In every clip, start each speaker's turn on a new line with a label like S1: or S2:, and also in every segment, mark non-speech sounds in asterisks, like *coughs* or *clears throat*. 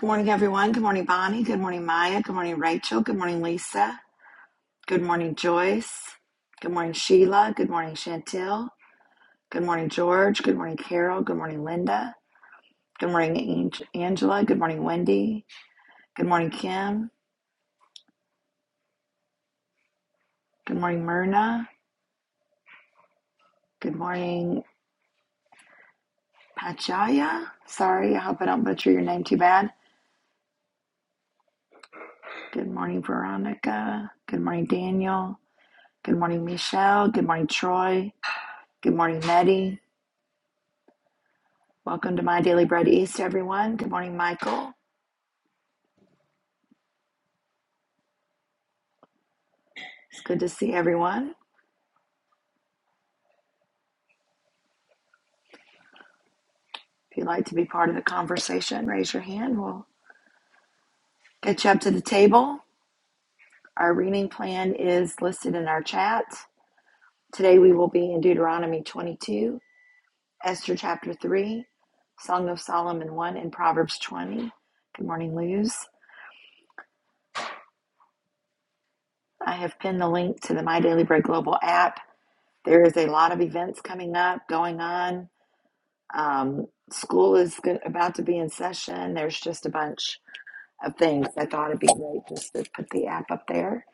S1: Good morning, everyone. Good morning, Bonnie. Good morning, Maya. Good morning, Rachel. Good morning, Lisa. Good morning, Joyce. Good morning, Sheila. Good morning, Chantel. Good morning, George. Good morning, Carol. Good morning, Linda. Good morning, Ang- Angela. Good morning, Wendy. Good morning, Kim. Good morning, Myrna. Good morning, Pachaya. Sorry, I hope I don't butcher your name too bad. Good morning, Veronica. Good morning, Daniel. Good morning, Michelle. Good morning, Troy. Good morning, Nettie. Welcome to My Daily Bread East, everyone. Good morning, Michael. It's good to see everyone. If you'd like to be part of the conversation, raise your hand. We'll get you up to the table. Our reading plan is listed in our chat. Today we will be in Deuteronomy 22, Esther chapter 3, Song of Solomon 1, and Proverbs 20. Good morning, Luz. I have pinned the link to the My Daily Bread Global app. There is a lot of events coming up, going on Um, school is go- about to be in session. There's just a bunch of things. I thought it'd be great just to put the app up there.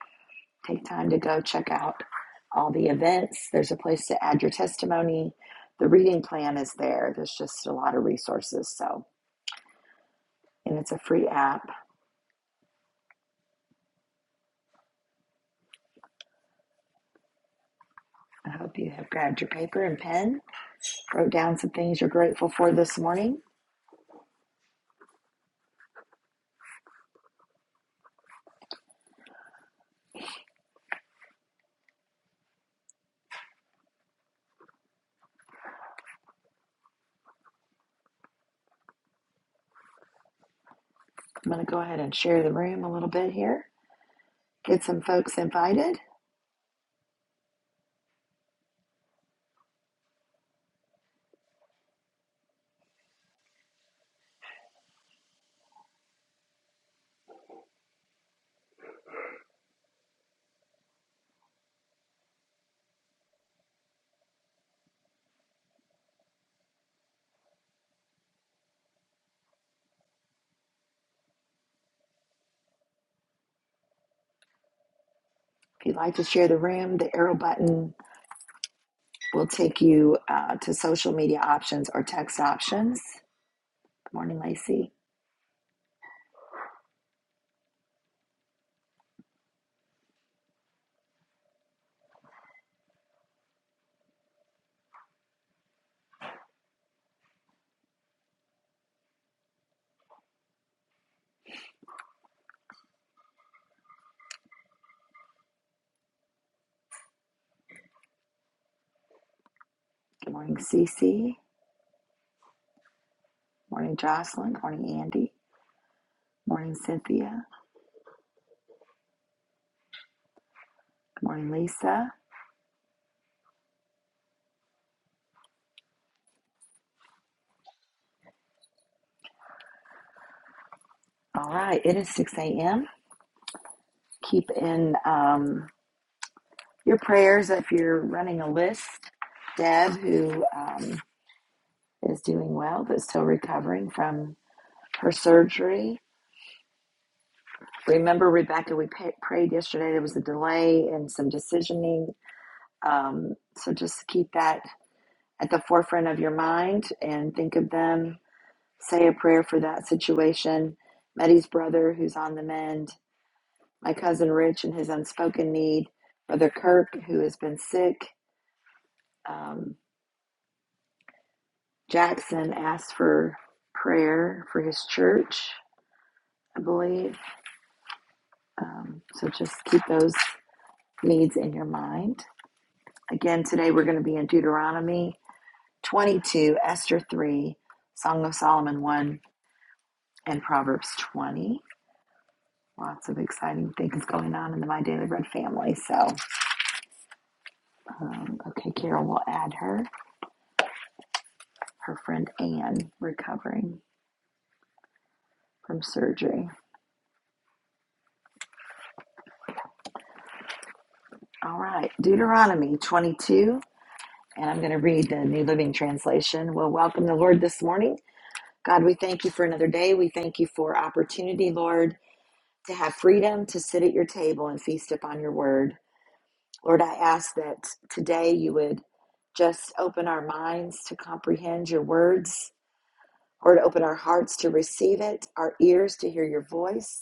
S1: Take time to go check out all the events. There's a place to add your testimony. The reading plan is there. There's just a lot of resources. So, and it's a free app. I hope you have grabbed your paper and pen, wrote down some things you're grateful for this morning. I'm going to go ahead and share the room a little bit here. Get some folks invited. If you'd like to share the room, the arrow button We'll take you uh, to social media options or text options. Good morning, Lacey. Good morning, Cece. Morning, Jocelyn. Morning, Andy. Morning, Cynthia. Good morning, Lisa. All right, it is 6 a.m. Keep in um, your prayers if you're running a list. Deb, who um, is doing well but still recovering from her surgery. Remember, Rebecca, we pa prayed yesterday. There was a delay and some decisioning. Um, so just keep that at the forefront of your mind and think of them. Say a prayer for that situation. Meddy's brother, who's on the mend, my cousin Rich and his unspoken need, Brother Kirk, who has been sick. Um, Jackson asked for prayer for his church, I believe. Um, so just keep those needs in your mind. Again, today we're going to be in Deuteronomy 22, Esther 3, Song of Solomon 1, and Proverbs 20. Lots of exciting things going on in the My Daily Bread family. So, um, okay, Carol will add her, her friend Anne, recovering from surgery. All right, Deuteronomy 22, and I'm going to read the New Living Translation. We'll welcome the Lord this morning. God, we thank you for another day. We thank you for opportunity, Lord, to have freedom to sit at your table and feast upon your word. Lord, I ask that today you would just open our minds to comprehend your words Lord, open our hearts to receive it, our ears to hear your voice.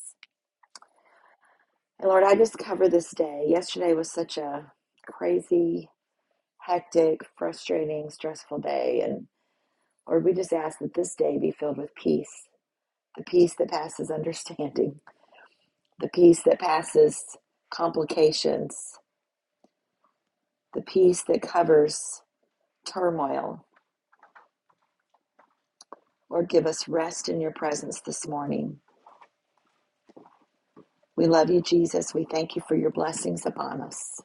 S1: And Lord, I just cover this day. Yesterday was such a crazy, hectic, frustrating, stressful day. And Lord, we just ask that this day be filled with peace the peace that passes understanding, the peace that passes complications, the peace that covers turmoil. Lord, give us rest in your presence this morning. We love you, Jesus. We thank you for your blessings upon us.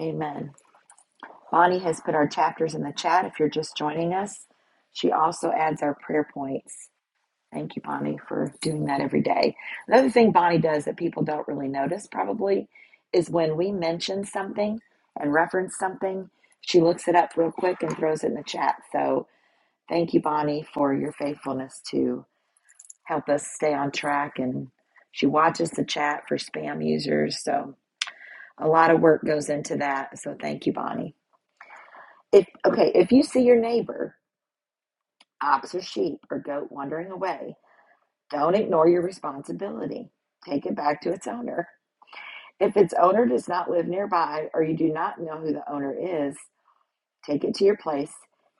S1: Amen. Bonnie has put our chapters in the chat if you're just joining us. She also adds our prayer points. Thank you, Bonnie, for doing that every day. Another thing Bonnie does that people don't really notice probably is when we mention something and reference something, she looks it up real quick and throws it in the chat. So thank you, Bonnie, for your faithfulness to help us stay on track. And she watches the chat for spam users. So a lot of work goes into that. So thank you, Bonnie. If okay, if you see your neighbor, ox or sheep or goat wandering away, don't ignore your responsibility. Take it back to its owner. If its owner does not live nearby or you do not know who the owner is, take it to your place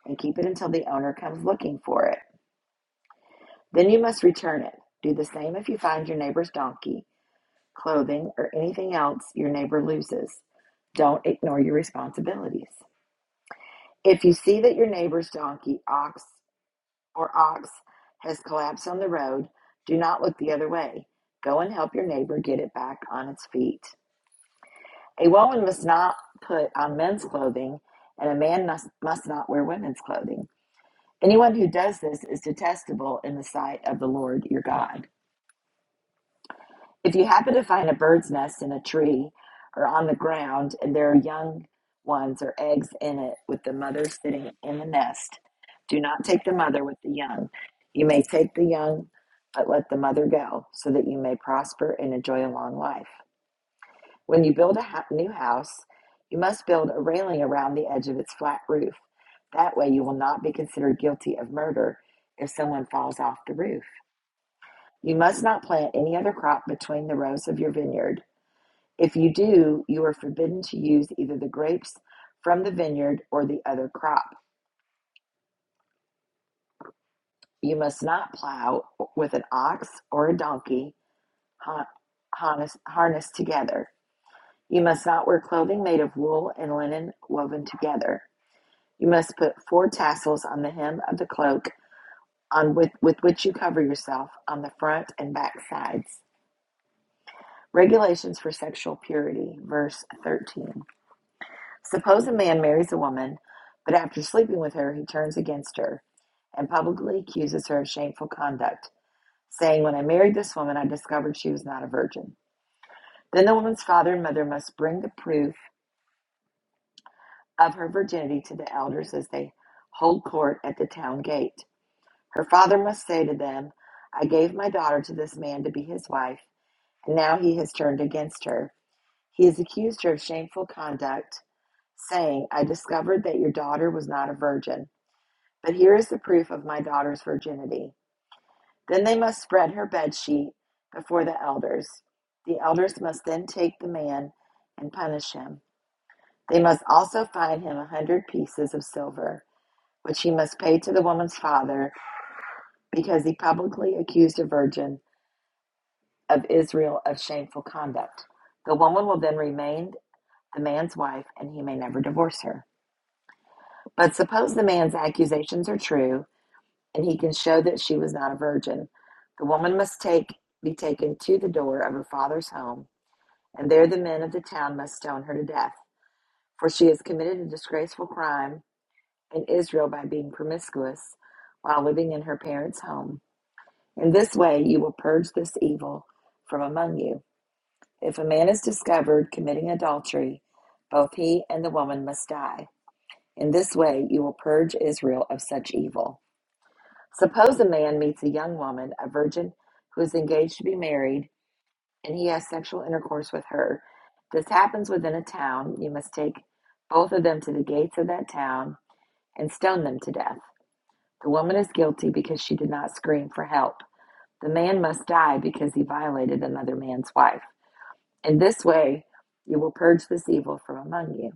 S1: and keep it until the owner comes looking for it. Then you must return it. Do the same if you find your neighbor's donkey, clothing, or anything else your neighbor loses. Don't ignore your responsibilities. If you see that your neighbor's donkey, ox, or ox has collapsed on the road, do not look the other way. Go and help your neighbor get it back on its feet. A woman must not put on men's clothing, and a man must, must not wear women's clothing. Anyone who does this is detestable in the sight of the Lord your God. If you happen to find a bird's nest in a tree or on the ground and there are young ones or eggs in it with the mother sitting in the nest, do not take the mother with the young. You may take the young, but let the mother go, so that you may prosper and enjoy a long life. When you build a new house, you must build a railing around the edge of its flat roof. That way, you will not be considered guilty of murder if someone falls off the roof. You must not plant any other crop between the rows of your vineyard if you do, you are forbidden to use either the grapes from the vineyard or the other crop. You must not plow with an ox or a donkey harnessed together. You must not wear clothing made of wool and linen woven together. You must put four tassels on the hem of the cloak on with, with which you cover yourself on the front and back sides. Regulations for sexual purity, verse 13. Suppose a man marries a woman, but after sleeping with her, he turns against her and publicly accuses her of shameful conduct, saying, When I married this woman, I discovered she was not a virgin. Then the woman's father and mother must bring the proof of her virginity to the elders as they hold court at the town gate. Her father must say to them, I gave my daughter to this man to be his wife, and now he has turned against her. He has accused her of shameful conduct, saying, 'I discovered that your daughter was not a virgin. But here is the proof of my daughter's virginity. Then they must spread her bed sheet before the elders. The elders must then take the man and punish him. They must also fine him a hundred pieces of silver, which he must pay to the woman's father, because he publicly accused a virgin of Israel of shameful conduct. The woman will then remain the man's wife, and he may never divorce her. But suppose the man's accusations are true and he can show that she was not a virgin. The woman must take be taken to the door of her father's home, and there the men of the town must stone her to death, for she has committed a disgraceful crime in Israel by being promiscuous while living in her parents' home. In this way you will purge this evil from among you. If a man is discovered committing adultery, both he and the woman must die. In this way you will purge Israel of such evil. Suppose a man meets a young woman, a virgin, who is engaged to be married, and he has sexual intercourse with her. This happens within a town. You must take both of them to the gates of that town and stone them to death. The woman is guilty because she did not scream for help. The man must die because he violated another man's wife. In this way, you will purge this evil from among you.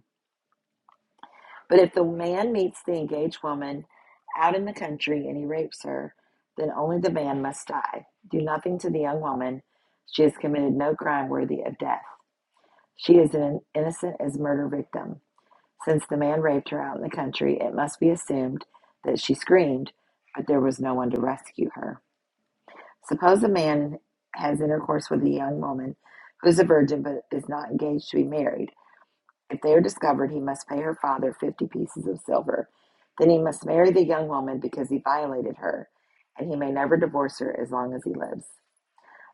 S1: But if the man meets the engaged woman out in the country and he rapes her, then only the man must die. Do nothing to the young woman. She has committed no crime worthy of death. She is an innocent as murder victim. Since the man raped her out in the country, it must be assumed that she screamed, but there was no one to rescue her. Suppose a man has intercourse with a young woman who is a virgin but is not engaged to be married. If they are discovered, he must pay her father fifty pieces of silver. Then he must marry the young woman because he violated her, and he may never divorce her as long as he lives.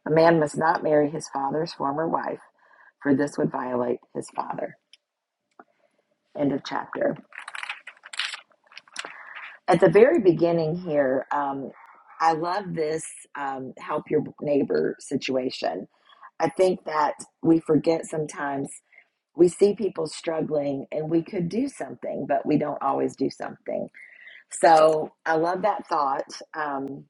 S1: A man must not marry his father's former wife, for this would violate his father. End of chapter. At the very beginning here, um, I love this um, help your neighbor situation. I think that we forget sometimes we see people struggling and we could do something, but we don't always do something So I love that thought. Um,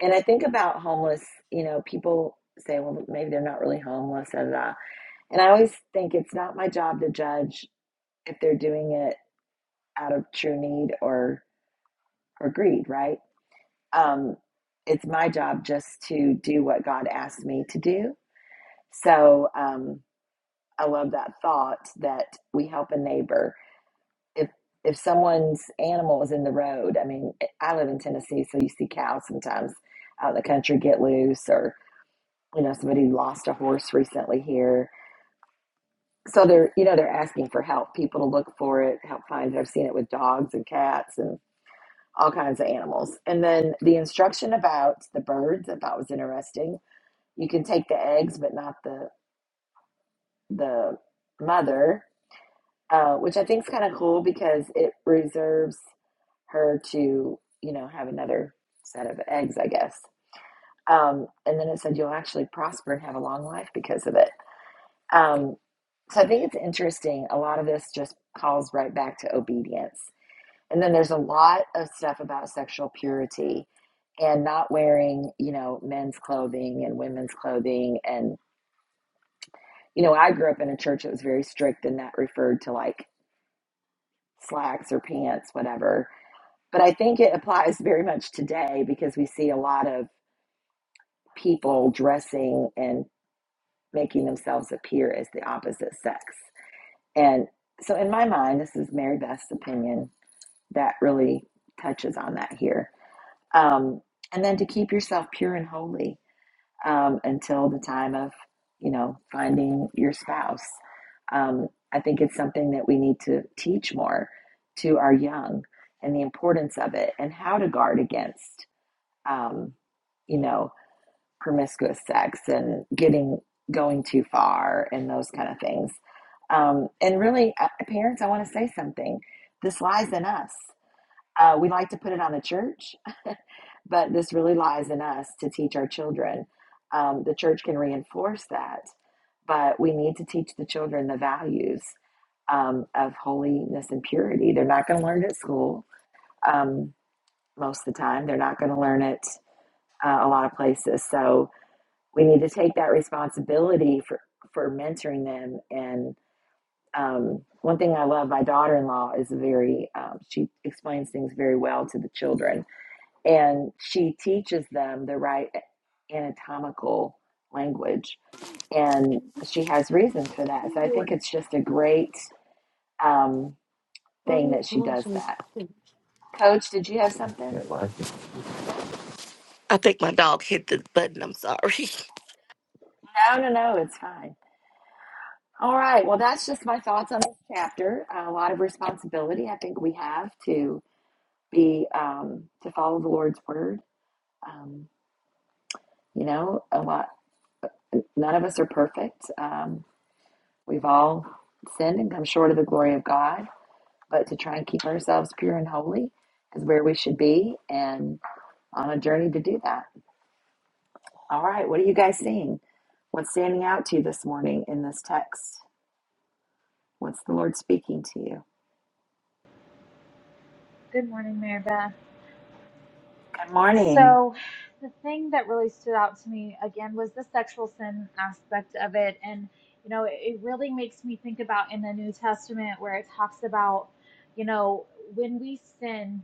S1: and I think about homeless, you know, people say, well, maybe they're not really homeless. Da, da, da. And I always think it's not my job to judge if they're doing it out of true need or, or greed, right? Um, it's my job just to do what God asked me to do. So um, I love that thought that we help a neighbor if if someone's animal was in the road, I mean, eh, I live in Tennessee, so you see cows sometimes out in the country get loose, or you know, somebody lost a horse recently here. So they're you know they're asking for help, people to look for it, help find it. I've seen it with dogs and cats and all kinds of animals. And then the instruction about the birds I thought was interesting. You can take the eggs, but not the the mother, uh, which I think is kind of cool because it reserves. her to, you know, have another set of eggs, I guess. Um, and then it said you'll actually prosper and have a long life because of it. Um, so I think it's interesting. A lot of this just calls right back to obedience. And then there's a lot of stuff about sexual purity and not wearing, you know, men's clothing and women's clothing. And, you know, I grew up in a church that was very strict and that referred to like slacks or pants, whatever. But I think it applies very much today because we see a lot of people dressing and making themselves appear as the opposite sex. And so, in my mind, this is Mary Beth's opinion that really touches on that here. Um, and then to keep yourself pure and holy um, until the time of, you know, finding your spouse. Um, I think it's something that we need to teach more to our young and the importance of it and how to guard against, um, you know, promiscuous sex and getting going too far and those kind of things. Um, and really, uh, parents, I want to say something. This lies in us. Uh, we like to put it on the church, *laughs* but this really lies in us to teach our children. Um, the church can reinforce that, but we need to teach the children the values um, of holiness and purity. They're not going to learn it at school um, most of the time. They're not going to learn it uh, a lot of places. So we need to take that responsibility for for mentoring them and um, one thing i love my daughter-in-law is very um, she explains things very well to the children and she teaches them the right anatomical language and she has reasons for that so i think it's just a great um,
S2: I
S1: thing that she does that coach did you have something
S2: think my dog hit the button. I'm sorry. *laughs*
S1: no no no it's fine all right well that's just my thoughts on this chapter Uh, a lot of responsibility i think we have to be um, to follow the Lord's word. Um, you know, a lot. None of us are perfect. Um, we've all sinned and come short of the glory of God. But to try and keep ourselves pure and holy is where we should be, and on a journey to do that. All right, what are you guys seeing? What's standing out to you this morning in this text? What's the Lord speaking to you?
S3: Good morning, Mary Beth.
S1: Good morning.
S3: So, the thing that really stood out to me again was the sexual sin aspect of it. And, you know, it, it really makes me think about in the New Testament where it talks about, you know, when we sin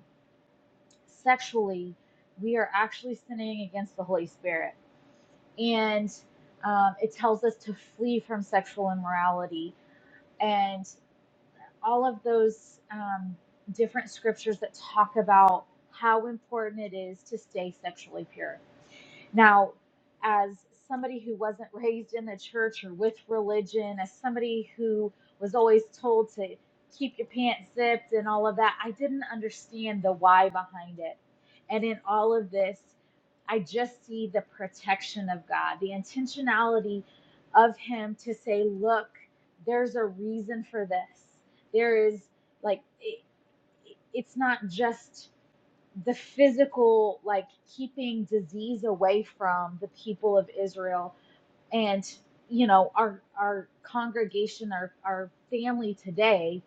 S3: sexually, we are actually sinning against the Holy Spirit. And um, it tells us to flee from sexual immorality. all of those um, different scriptures that talk about how important it is to stay sexually pure now, as somebody who wasn't raised in the church or with religion, as somebody who was always told to keep your pants zipped and all of that, I didn't understand the why behind it. And in all of this, I just see the protection of God, the intentionality of Him to say, look, there's a reason for this. There is like, it, it's not just the physical, like keeping disease away from the people of Israel and, you know, our, our congregation, our, our family today,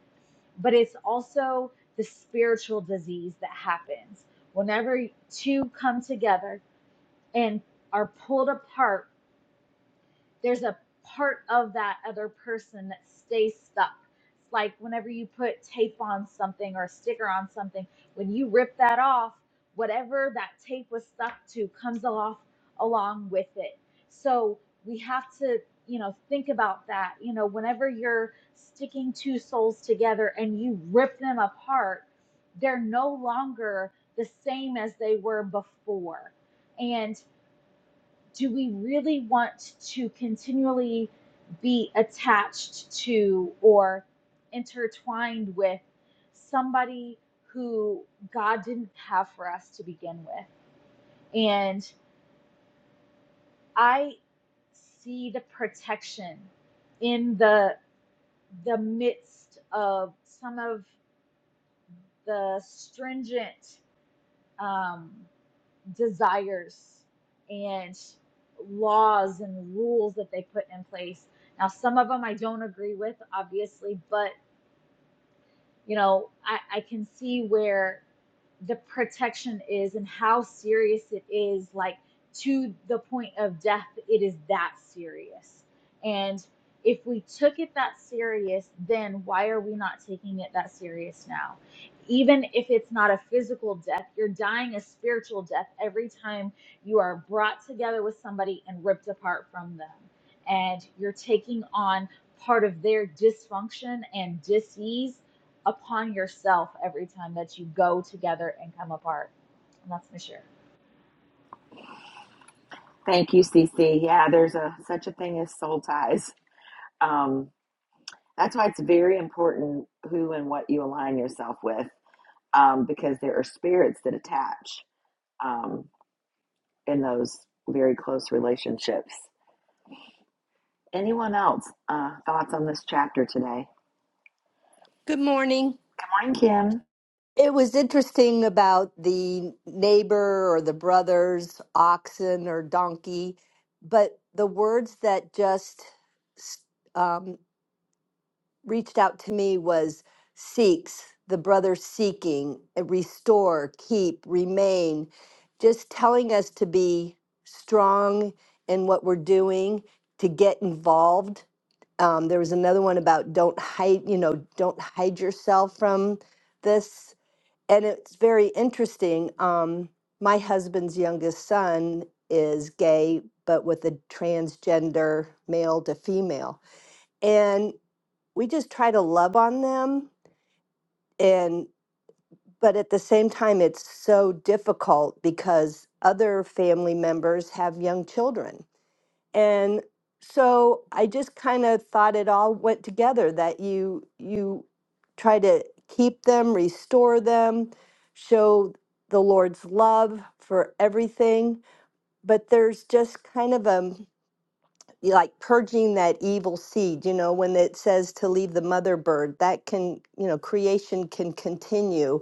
S3: but it's also the spiritual disease that happens whenever two come together and are pulled apart there's a part of that other person that stays stuck. It's like whenever you put tape on something or a sticker on something, when you rip that off, whatever that tape was stuck to comes off along with it. So we have to, you know, think about that. You know, whenever you're sticking two souls together and you rip them apart, they're no longer the same as they were before do we really want to continually be attached to or intertwined with somebody who God didn't have for us to begin with? And I see the protection in the the midst of some of the stringent um, desires and laws and rules that they put in place. Now, some of them I don't agree with, obviously, but you know, I, I can see where the protection is and how serious it is like to the point of death it is that serious and if we took it that serious then why are we not taking it that serious now even if it's not a physical death you're dying a spiritual death every time you are brought together with somebody and ripped apart from them and you're taking on part of their dysfunction and disease upon yourself every time that you go together and come apart. And that's my share.
S1: Thank you, CC. Yeah, there's a such a thing as soul ties. Um, That's why it's very important who and what you align yourself with, um, because there are spirits that attach um, in those very close relationships. Anyone else uh, thoughts on this chapter today?
S4: Good morning.
S1: Good morning, Kim.
S4: It was interesting about the neighbor or the brothers, oxen or donkey, but the words that just um, reached out to me was seeks, the brother seeking, uh, restore, keep, remain, just telling us to be strong in what we're doing, to get involved. Um, there was another one about don't hide, you know, don't hide yourself from this and it's very interesting. Um, my husband's youngest son is gay, but with a transgender male to female, and we just try to love on them. And but at the same time, it's so difficult because other family members have young children, and so i just kind of thought it all went together that you you try to keep them restore them show the lord's love for everything but there's just kind of a like purging that evil seed you know when it says to leave the mother bird that can you know creation can continue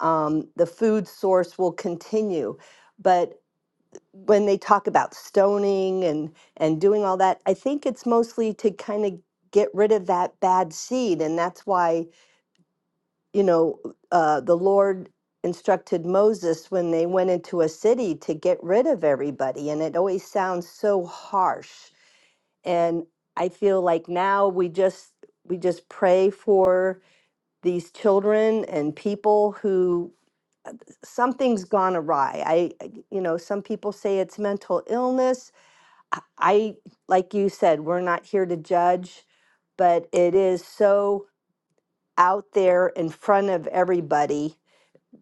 S4: um, the food source will continue but when they talk about stoning and and doing all that i think it's mostly to kind of get rid of that bad seed and that's why you know uh, the lord instructed moses when they went into a city to get rid of everybody and it always sounds so harsh and i feel like now we just we just pray for these children and people who something's gone awry i I- you know some people say it's mental illness I, I- like you said, we're not here to judge, but it is so out there in front of everybody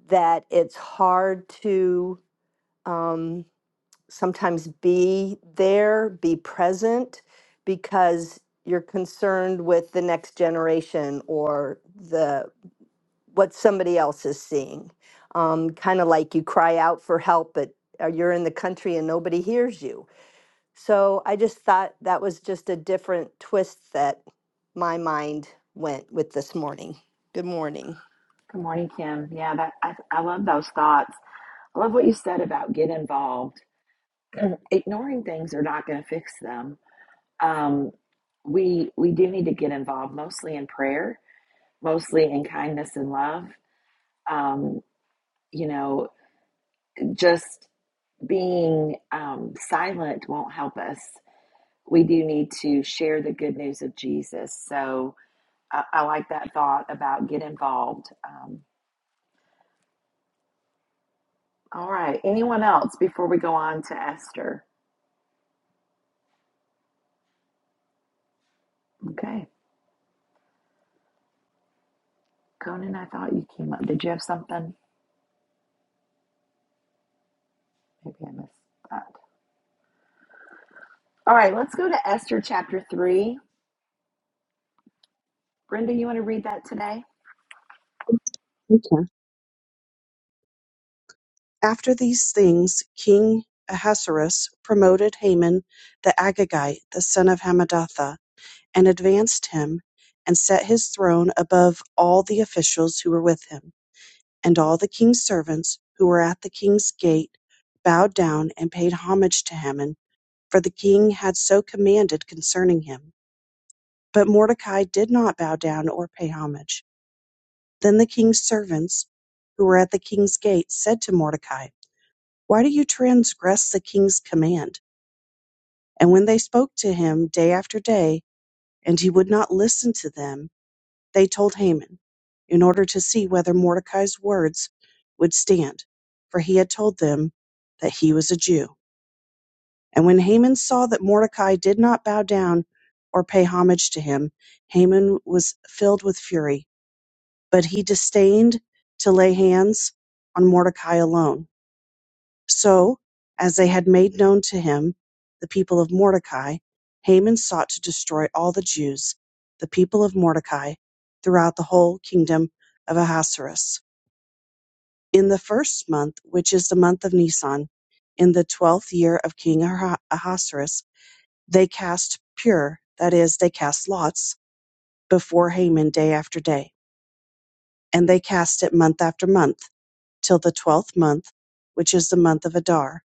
S4: that it's hard to um, sometimes be there, be present, because you're concerned with the next generation or the what somebody else is seeing. Um, kind of like you cry out for help, but uh, you're in the country and nobody hears you so I just thought that was just a different twist that my mind went with this morning. Good morning.
S1: Good morning, Kim. Yeah, that I, I love those thoughts. I love what you said about get involved. *clears throat* Ignoring things are not going to fix them. Um, we we do need to get involved, mostly in prayer, mostly in kindness and love. Um, you know, just being um, silent won't help us. We do need to share the good news of Jesus. So I, I like that thought about get involved. Um, all right. Anyone else before we go on to Esther? Okay. Conan, I thought you came up. Did you have something? Maybe I missed that. All right. Let's go to Esther chapter 3. Brenda, you want to read that today?
S5: Okay. After these things, King Ahasuerus promoted Haman the Agagite, the son of Hammedatha, and advanced him, and set his throne above all the officials who were with him. And all the king's servants who were at the king's gate bowed down and paid homage to Haman, for the king had so commanded concerning him. But Mordecai did not bow down or pay homage. Then the king's servants who were at the king's gate said to Mordecai, Why do you transgress the king's command? And when they spoke to him day after day, and he would not listen to them, they told Haman, in order to see whether Mordecai's words would stand, for he had told them that he was a Jew. And when Haman saw that Mordecai did not bow down or pay homage to him, Haman was filled with fury, but he disdained to lay hands on Mordecai alone So, as they had made known to him the people of Mordecai, Haman sought to destroy all the Jews, the people of Mordecai, throughout the whole kingdom of Ahasuerus. In the first month, which is the month of Nisan, in the twelfth year of King Aha- Ahasuerus, they cast pure, that is, they cast lots, before Haman day after day. And they cast it month after month, till the twelfth month, which is the month of Adar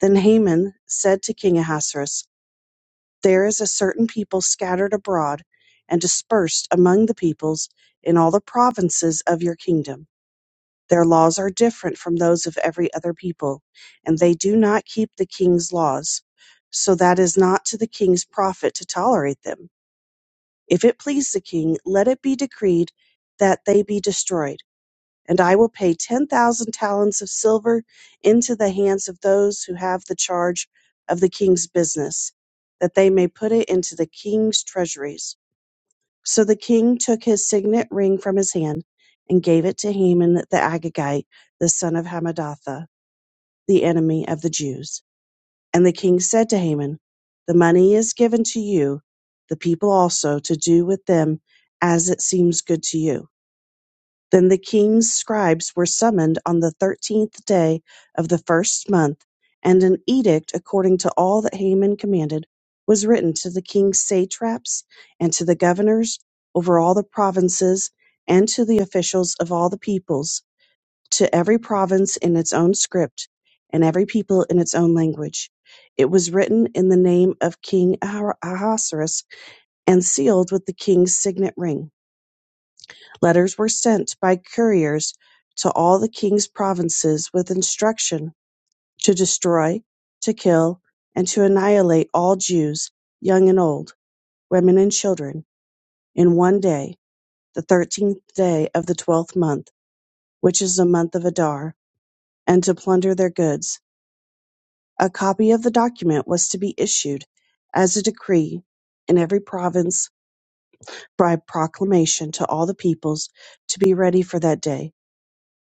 S5: Then Haman said to King Ahasuerus, There is a certain people scattered abroad and dispersed among the peoples in all the provinces of your kingdom. Their laws are different from those of every other people, and they do not keep the king's laws. So that is not to the king's profit to tolerate them. If it please the king, let it be decreed that they be destroyed. And I will pay 10,000 talents of silver into the hands of those who have the charge of the king's business, that they may put it into the king's treasuries. So the king took his signet ring from his hand and gave it to Haman the Agagite, the son of Hammedatha, the enemy of the Jews. And the king said to Haman, The money is given to you, the people also, to do with them as it seems good to you. Then the king's scribes were summoned on the thirteenth day of the first month, and an edict according to all that Haman commanded was written to the king's satraps and to the governors over all the provinces and to the officials of all the peoples, to every province in its own script and every people in its own language. It was written in the name of King Ahasuerus and sealed with the king's signet ring. Letters were sent by couriers to all the king's provinces with instruction to destroy, to kill, and to annihilate all Jews, young and old, women and children, in one day, the thirteenth day of the twelfth month, which is the month of Adar, and to plunder their goods. A copy of the document was to be issued as a decree in every province by proclamation to all the peoples to be ready for that day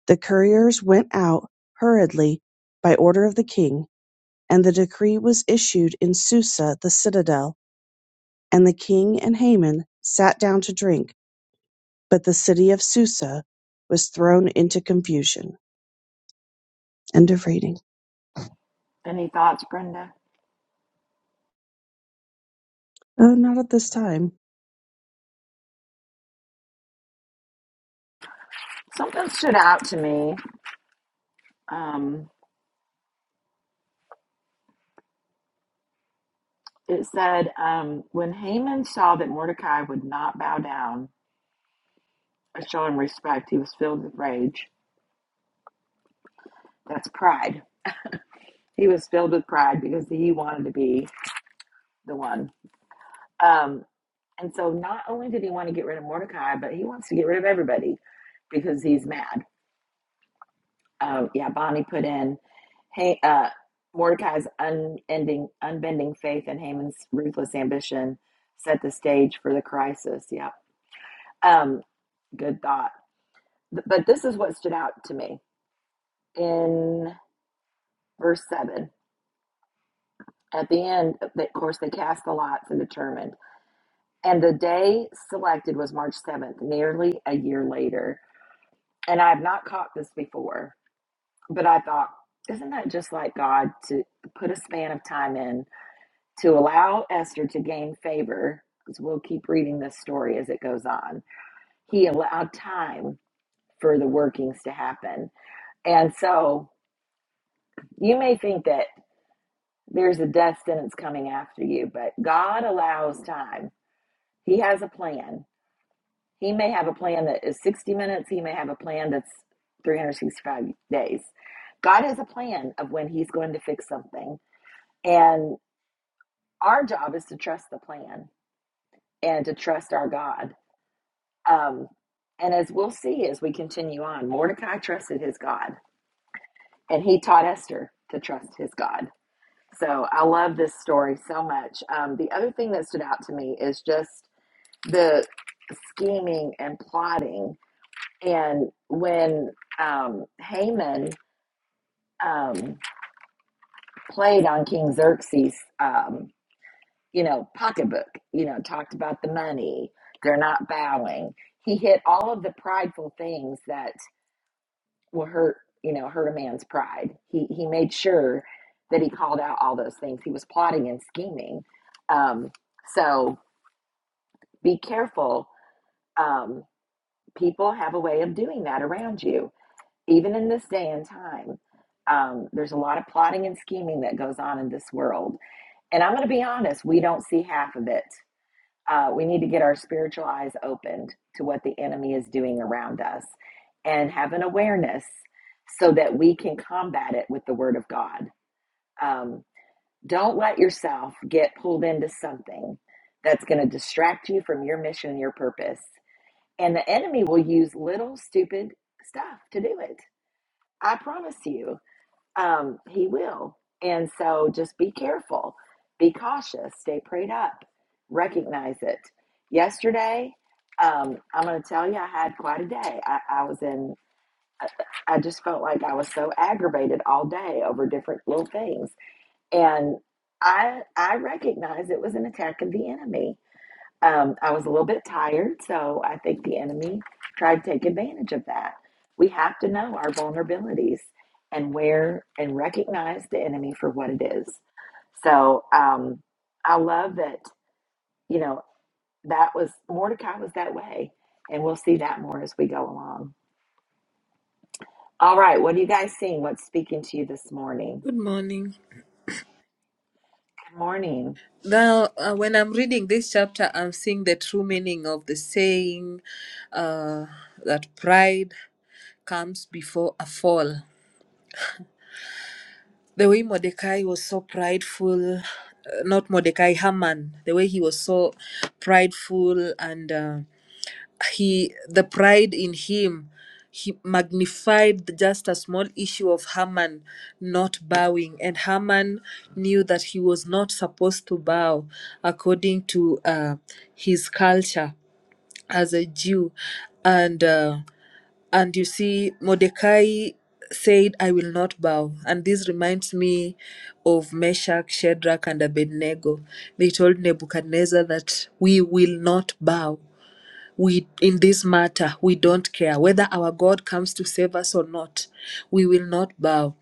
S5: The couriers went out hurriedly by order of the king, and the decree was issued in Susa the citadel. And the king and Haman sat down to drink, but the city of Susa was thrown into confusion. End of reading.
S1: Any thoughts, Brenda?
S5: Uh, not at this time.
S1: Something stood out to me. Um, It said, um, when Haman saw that Mordecai would not bow down or show him respect, he was filled with rage. That's pride. He was filled with pride because he wanted to be the one. Um, and so not only did he want to get rid of Mordecai, but he wants to get rid of everybody because he's mad. Um, yeah, Bonnie put in hey, uh, Mordecai's unending, unbending faith and Haman's ruthless ambition set the stage for the crisis. Yeah. Um, good thought. But this is what stood out to me in verse 7. At the end, of of course, they cast the lots and determined. And the day selected was March 7th, nearly a year later. And I have not caught this before, but I thought, isn't that just like God to put a span of time in to allow Esther to gain favor? Because we'll keep reading this story as it goes on. He allowed time for the workings to happen. And so you may think that There's a death sentence coming after you, but God allows time. He has a plan. He may have a plan that is 60 minutes, He may have a plan that's 365 days. God has a plan of when He's going to fix something. And our job is to trust the plan and to trust our God. Um, and as we'll see as we continue on, Mordecai trusted his God and he taught Esther to trust his God. So I love this story so much. Um, the other thing that stood out to me is just the scheming and plotting. And when um, Haman um, played on King Xerxes, um, you know, pocketbook, you know, talked about the money, they're not bowing. He hit all of the prideful things that will hurt, you know, hurt a man's pride. He he made sure that he called out all those things. He was plotting and scheming. Um, so be careful. Um, people have a way of doing that around you even in this day and time, um, there's a lot of plotting and scheming that goes on in this world. And I'm going to be honest, we don't see half of it. Uh, we need to get our spiritual eyes opened to what the enemy is doing around us and have an awareness so that we can combat it with the word of God. Um, don't let yourself get pulled into something that's going to distract you from your mission and your purpose. And the enemy will use little stupid stuff to do it. I promise you um, he will. And so just be careful, be cautious, stay prayed up, recognize it. Yesterday, um, I'm going to tell you, I had quite a day. I, I was in, I I just felt like I was so aggravated all day over different little things. And I, I recognize it was an attack of the enemy. Um, I was a little bit tired, so I think the enemy tried to take advantage of that. We have to know our vulnerabilities and where and recognize the enemy for what it is. So um, I love that, you know, that was Mordecai was that way. And we'll see that more as we go along. All right. What are you guys seeing? What's speaking to you this morning?
S6: Good morning.
S1: Good morning.
S6: Now, uh, when I'm reading this chapter, I'm seeing the true meaning of the saying uh, that pride comes before a fall. The way Mordecai was so prideful, uh, not Mordecai, Haman, the way he was so prideful and. uh, he the pride in him he magnified just a small issue of Haman not bowing and Haman knew that he was not supposed to bow according to uh, his culture as a Jew and uh, and you see Mordecai said I will not bow and this reminds me of Meshach Shadrach and Abednego they told Nebuchadnezzar that we will not bow we in this matter we don't care whether our god comes to save us or not we will not bow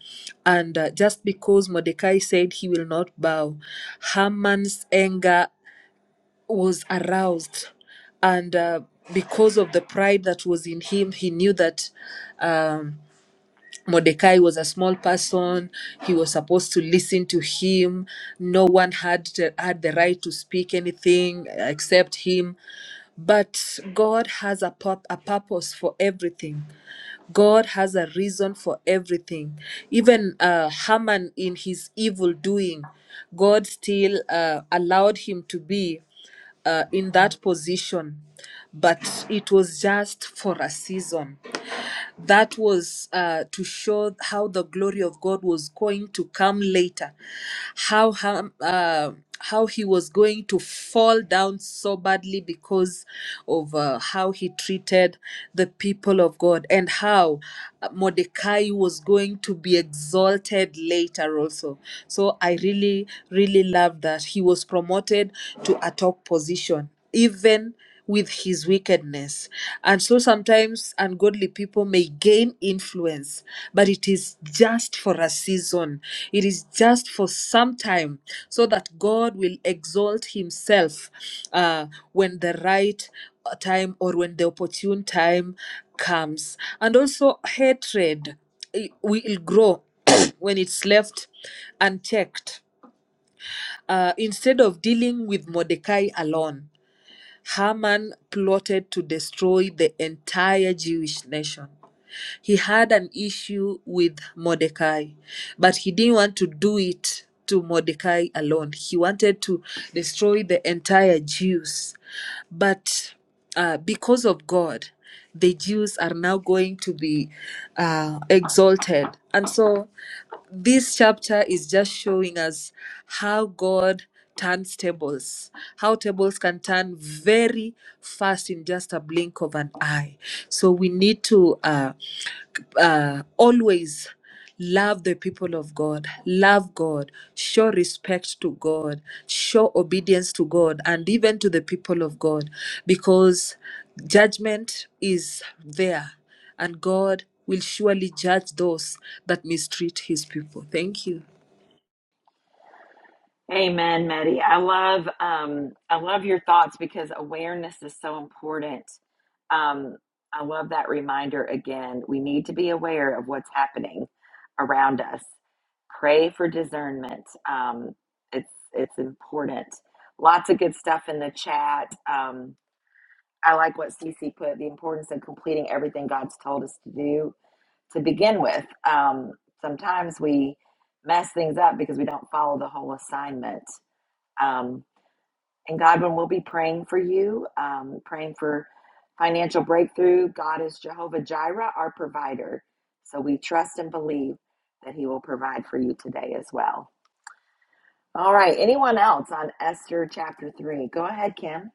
S6: and uh, just because mordecai said he will not bow haman's anger was aroused and uh, because of the pride that was in him he knew that um, Mordecai was a small person. He was supposed to listen to him. No one had the, had the right to speak anything except him. But God has a, pur- a purpose for everything. God has a reason for everything. Even uh, Haman, in his evil doing, God still uh, allowed him to be uh, in that position. But it was just for a season that was uh, to show how the glory of God was going to come later, how how, um, uh, how he was going to fall down so badly because of uh, how he treated the people of God, and how uh, Mordecai was going to be exalted later also. So I really really love that he was promoted to a top position even with his wickedness. And so sometimes ungodly people may gain influence, but it is just for a season, it is just for some time, so that God will exalt himself uh, when the right time or when the opportune time comes. And also, hatred eh, will grow *coughs* *clears throat* when it's left unchecked. Uh, instead of dealing with Mordecai alone. Haman plotted to destroy the entire Jewish nation. He had an issue with Mordecai, but he didn't want to do it to Mordecai alone. He wanted to destroy the entire Jews. But uh, because of God, the Jews are now going to be uh, exalted. And so this chapter is just showing us how God turns tables, how tables can turn very fast in just a blink of an eye. So we need to. uh, uh, always love the people of God, love God, show respect to God, show obedience to God, and even to the people of God, because judgment is there, and God will surely judge those that mistreat his people. Thank you.
S1: Amen, Maddie. I love um, I love your thoughts because awareness is so important. Um, I love that reminder again. We need to be aware of what's happening around us. Pray for discernment. Um, it's it's important. Lots of good stuff in the chat. Um, I like what Cece put: the importance of completing everything God's told us to do to begin with. Um, sometimes we mess things up because we don't follow the whole assignment um, and Godwin, will be praying for you, um, praying for financial breakthrough. God is Jehovah Jireh, our provider. So we trust and believe that he will provide for you today as well. All right. Anyone else on Esther chapter 3? Go ahead, Kim.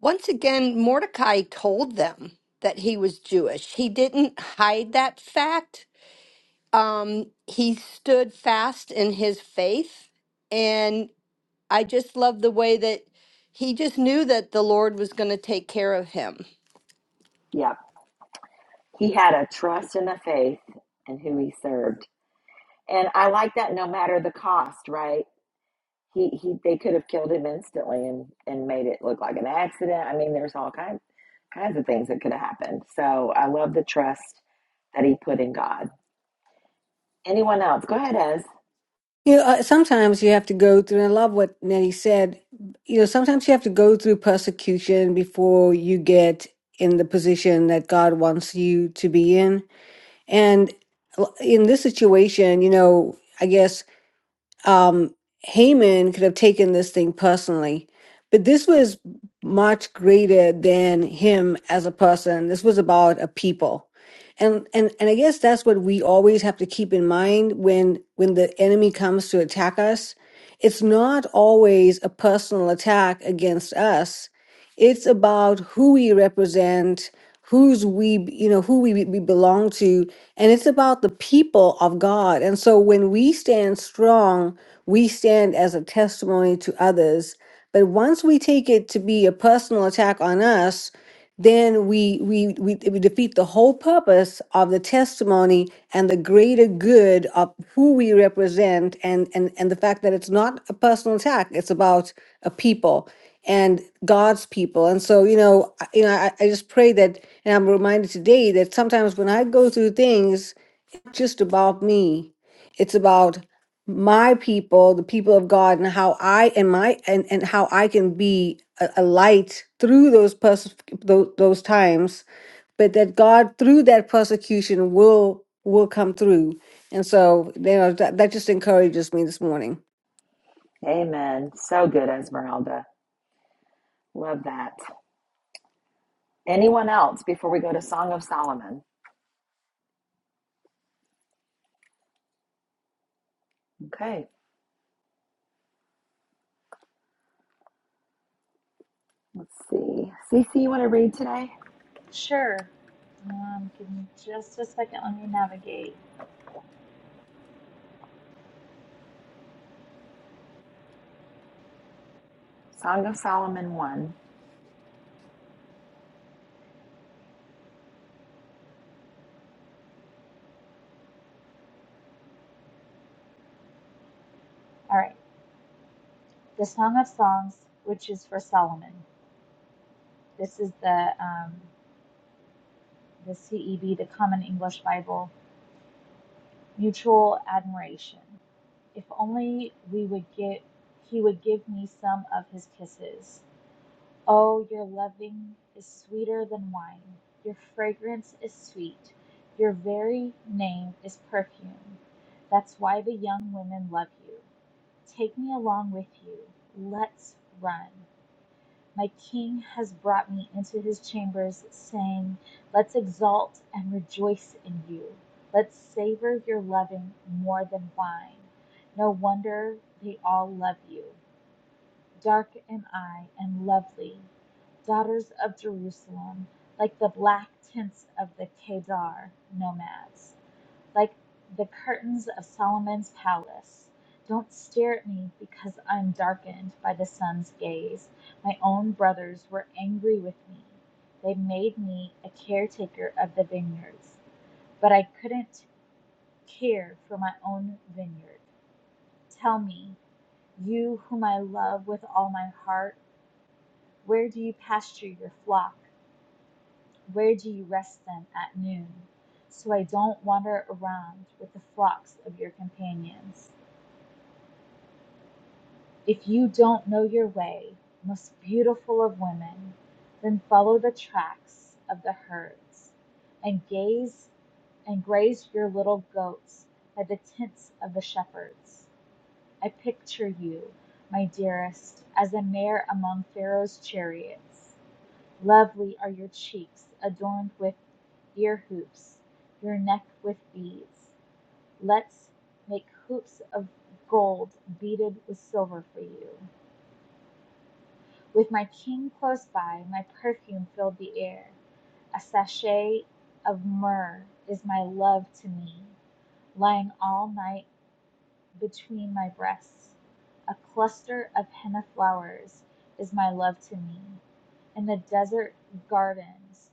S4: Once again, Mordecai told them that he was Jewish. He didn't hide that fact. Um, he stood fast in his faith. And I just love the way that he just knew that the Lord was going to take care of him.
S1: Yep. He had a trust in the faith and who he served. And I like that no matter the cost, right? He he they could have killed him instantly and and made it look like an accident. I mean, there's all kinds kinds of things that could have happened. So I love the trust that he put in God. Anyone else? Go ahead, Ez.
S7: You know, uh, sometimes you have to go through, and I love what Nettie said. You know, sometimes you have to go through persecution before you get in the position that God wants you to be in. And l- in this situation, you know, I guess um, Haman could have taken this thing personally, but this was much greater than him as a person. This was about a people. And, and and I guess that's what we always have to keep in mind when when the enemy comes to attack us. It's not always a personal attack against us. It's about who we represent, who's we, you know, who we, we belong to, and it's about the people of God. And so when we stand strong, we stand as a testimony to others. But once we take it to be a personal attack on us, then we we we, we defeat the whole purpose of the testimony and the greater good of who we represent and and and the fact that it's not a personal attack it's about a people and god's people and so you know I- you know i, I just pray that and i'm reminded today that sometimes when i go through things not just about me. It's about my people, the people of God, and how I and my and and how I can be a, a light through those pers- those, those times, but that God through that persecution will will come through. And so, you know, that, that just encourages me this morning.
S1: Amen. So good, Esmeralda. Love that. Anyone else before we go to Song of Solomon? Okay, let's see. Cece, you want to read today?
S3: Sure. Um, give me just a second. Let me navigate.
S1: Song of Solomon 1.
S3: All right, the Song of Songs, which is for Solomon. This is the um, the CEB, the Common English Bible. Mutual admiration. If only we would get, he would give me some of his kisses. Oh, your loving is sweeter than wine, Your fragrance is sweet, your very name is perfume. That's why the young women love you. Take me along with you. Let's run. My king has brought me into his chambers, saying, Let's exalt and rejoice in you. Let's savor your loving more than wine. No wonder they all love you. Dark am I and lovely, daughters of Jerusalem, like the black tents of the Kedar nomads, like the curtains of Solomon's palace. Don't stare at me because I'm darkened by the sun's gaze. My own brothers were angry with me. They made me a caretaker of the vineyards, but I couldn't care for my own vineyard. Tell me, you whom I love with all my heart, where do you pasture your flock? Where do you rest them at noon? So I don't wander around with the flocks of your companions. If you don't know your way, most beautiful of women, then follow the tracks of the herds and gaze and graze your little goats by the tents of the shepherds. I picture you, my dearest, as a mare among Pharaoh's chariots. Lovely are your cheeks, adorned with Ear hoops, your neck with beads, Let's make hoops of gold beaded with silver for you. With my king close by, my perfume filled the air. A sachet of myrrh is my love to me, lying all night between my breasts. A cluster of henna flowers is my love to me, in the desert gardens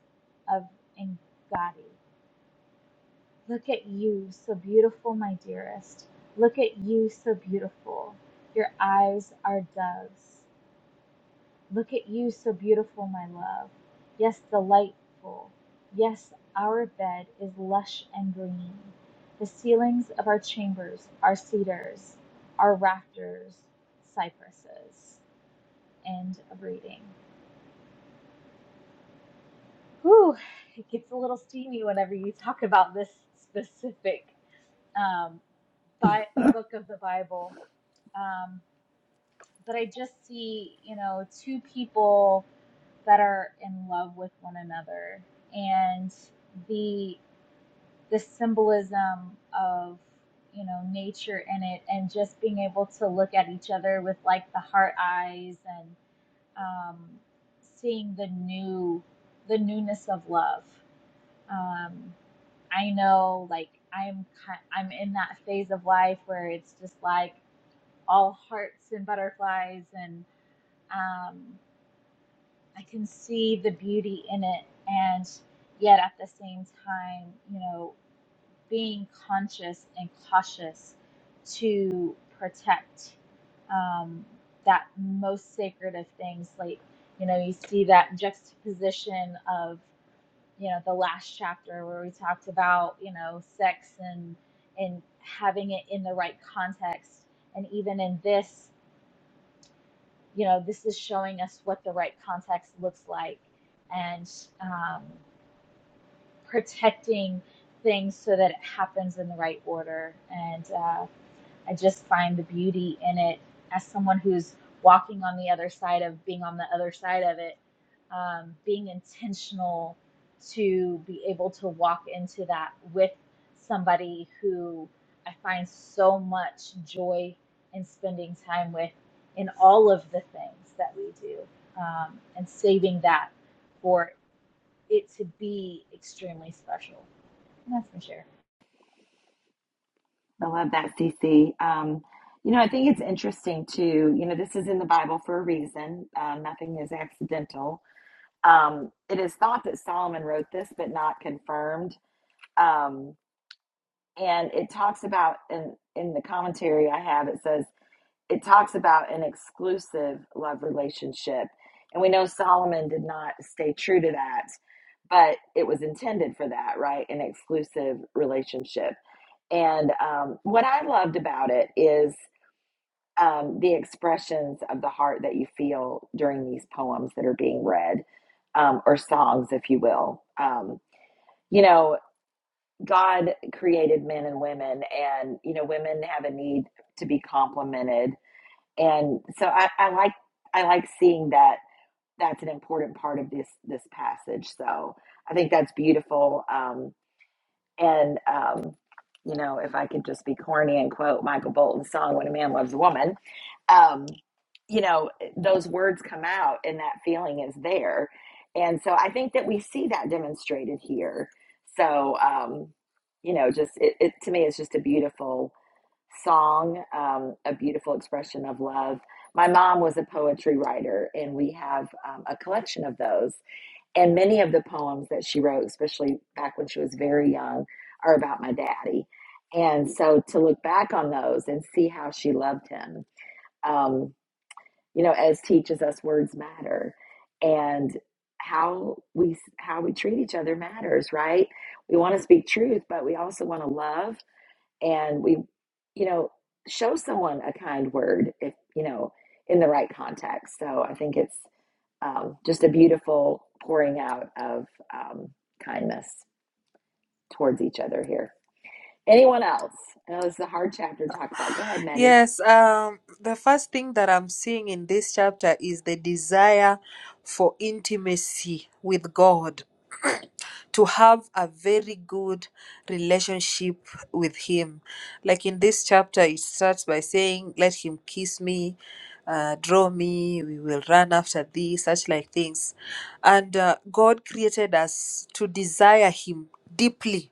S3: of Engaddi. Look at you, so beautiful, my dearest. Look at you, so beautiful. Your eyes are doves. Look at you, so beautiful, my love. Yes, delightful. Yes, our bed is lush and green. The ceilings of our chambers are cedars, our rafters, cypresses. End of reading. Whew, it gets a little steamy whenever you talk about this specific um, bi- book of the Bible Um, but I just see, you know, two people that are in love with one another and the the symbolism of, you know, nature in it and just being able to look at each other with like the heart eyes and um, seeing the new the newness of love. Um, I know like I'm ki- I'm in that phase of life where it's just like all hearts and butterflies and um, I can see the beauty in it, and yet at the same time, you know, being conscious and cautious to protect um, that most sacred of things. Like, you know, you see that juxtaposition of, you know, the last chapter where we talked about, you know, sex and and having it in the right context, and even in this. you know, this is showing us what the right context looks like and um, protecting things so that it happens in the right order. And uh, I just find the beauty in it as someone who's walking on the other side of being on the other side of it, um, being intentional to be able to walk into that with somebody who I find so much joy in spending time with in all of the things that we do um, and saving that for it to be extremely special. And that's my share.
S1: I love that, CC. Um, you know, I think it's interesting too. You know, this is in the Bible for a reason. Um, nothing is accidental. Um, it is thought that Solomon wrote this, but not confirmed. Um, and it talks about, in, in the commentary I have, it says it talks about an exclusive love relationship. And we know Solomon did not stay true to that, but it was intended for that, right? An exclusive relationship and um, what I loved about it is um, the expressions of the heart that you feel during these poems that are being read, um, or songs, if you will. Um, you know, God created men and women, and, you know, women have a need to be complimented. And so I, I like I like seeing that that's an important part of this this passage. So I think that's beautiful. Um, And, um, you know, if I could just be corny and quote Michael Bolton's song, When a Man Loves a Woman, um, you know, those words come out and that feeling is there. And so I think that we see that demonstrated here. So, um, you know, just it, it to me is just a beautiful song, um, a beautiful expression of love. My mom was a poetry writer, and we have um, a collection of those. And many of the poems that she wrote, especially back when she was very young, are about my daddy. And so to look back on those and see how she loved him, um, you know, as teaches us words matter and how we how we treat each other matters, right? We want to speak truth, but we also want to love and we, you know, show someone a kind word if, you know, in the right context. So I think it's um, just a beautiful pouring out of um, kindness towards each other here. Anyone else? I know this is a hard chapter to talk about. Go ahead, Maddie.
S6: Yes, um, the first thing that I'm seeing in this chapter is the desire for intimacy with God. to have a very good relationship with him. Like in this chapter, it starts by saying, Let him kiss me, uh, draw me, we will run after thee, such like things. And uh, God created us to desire him deeply.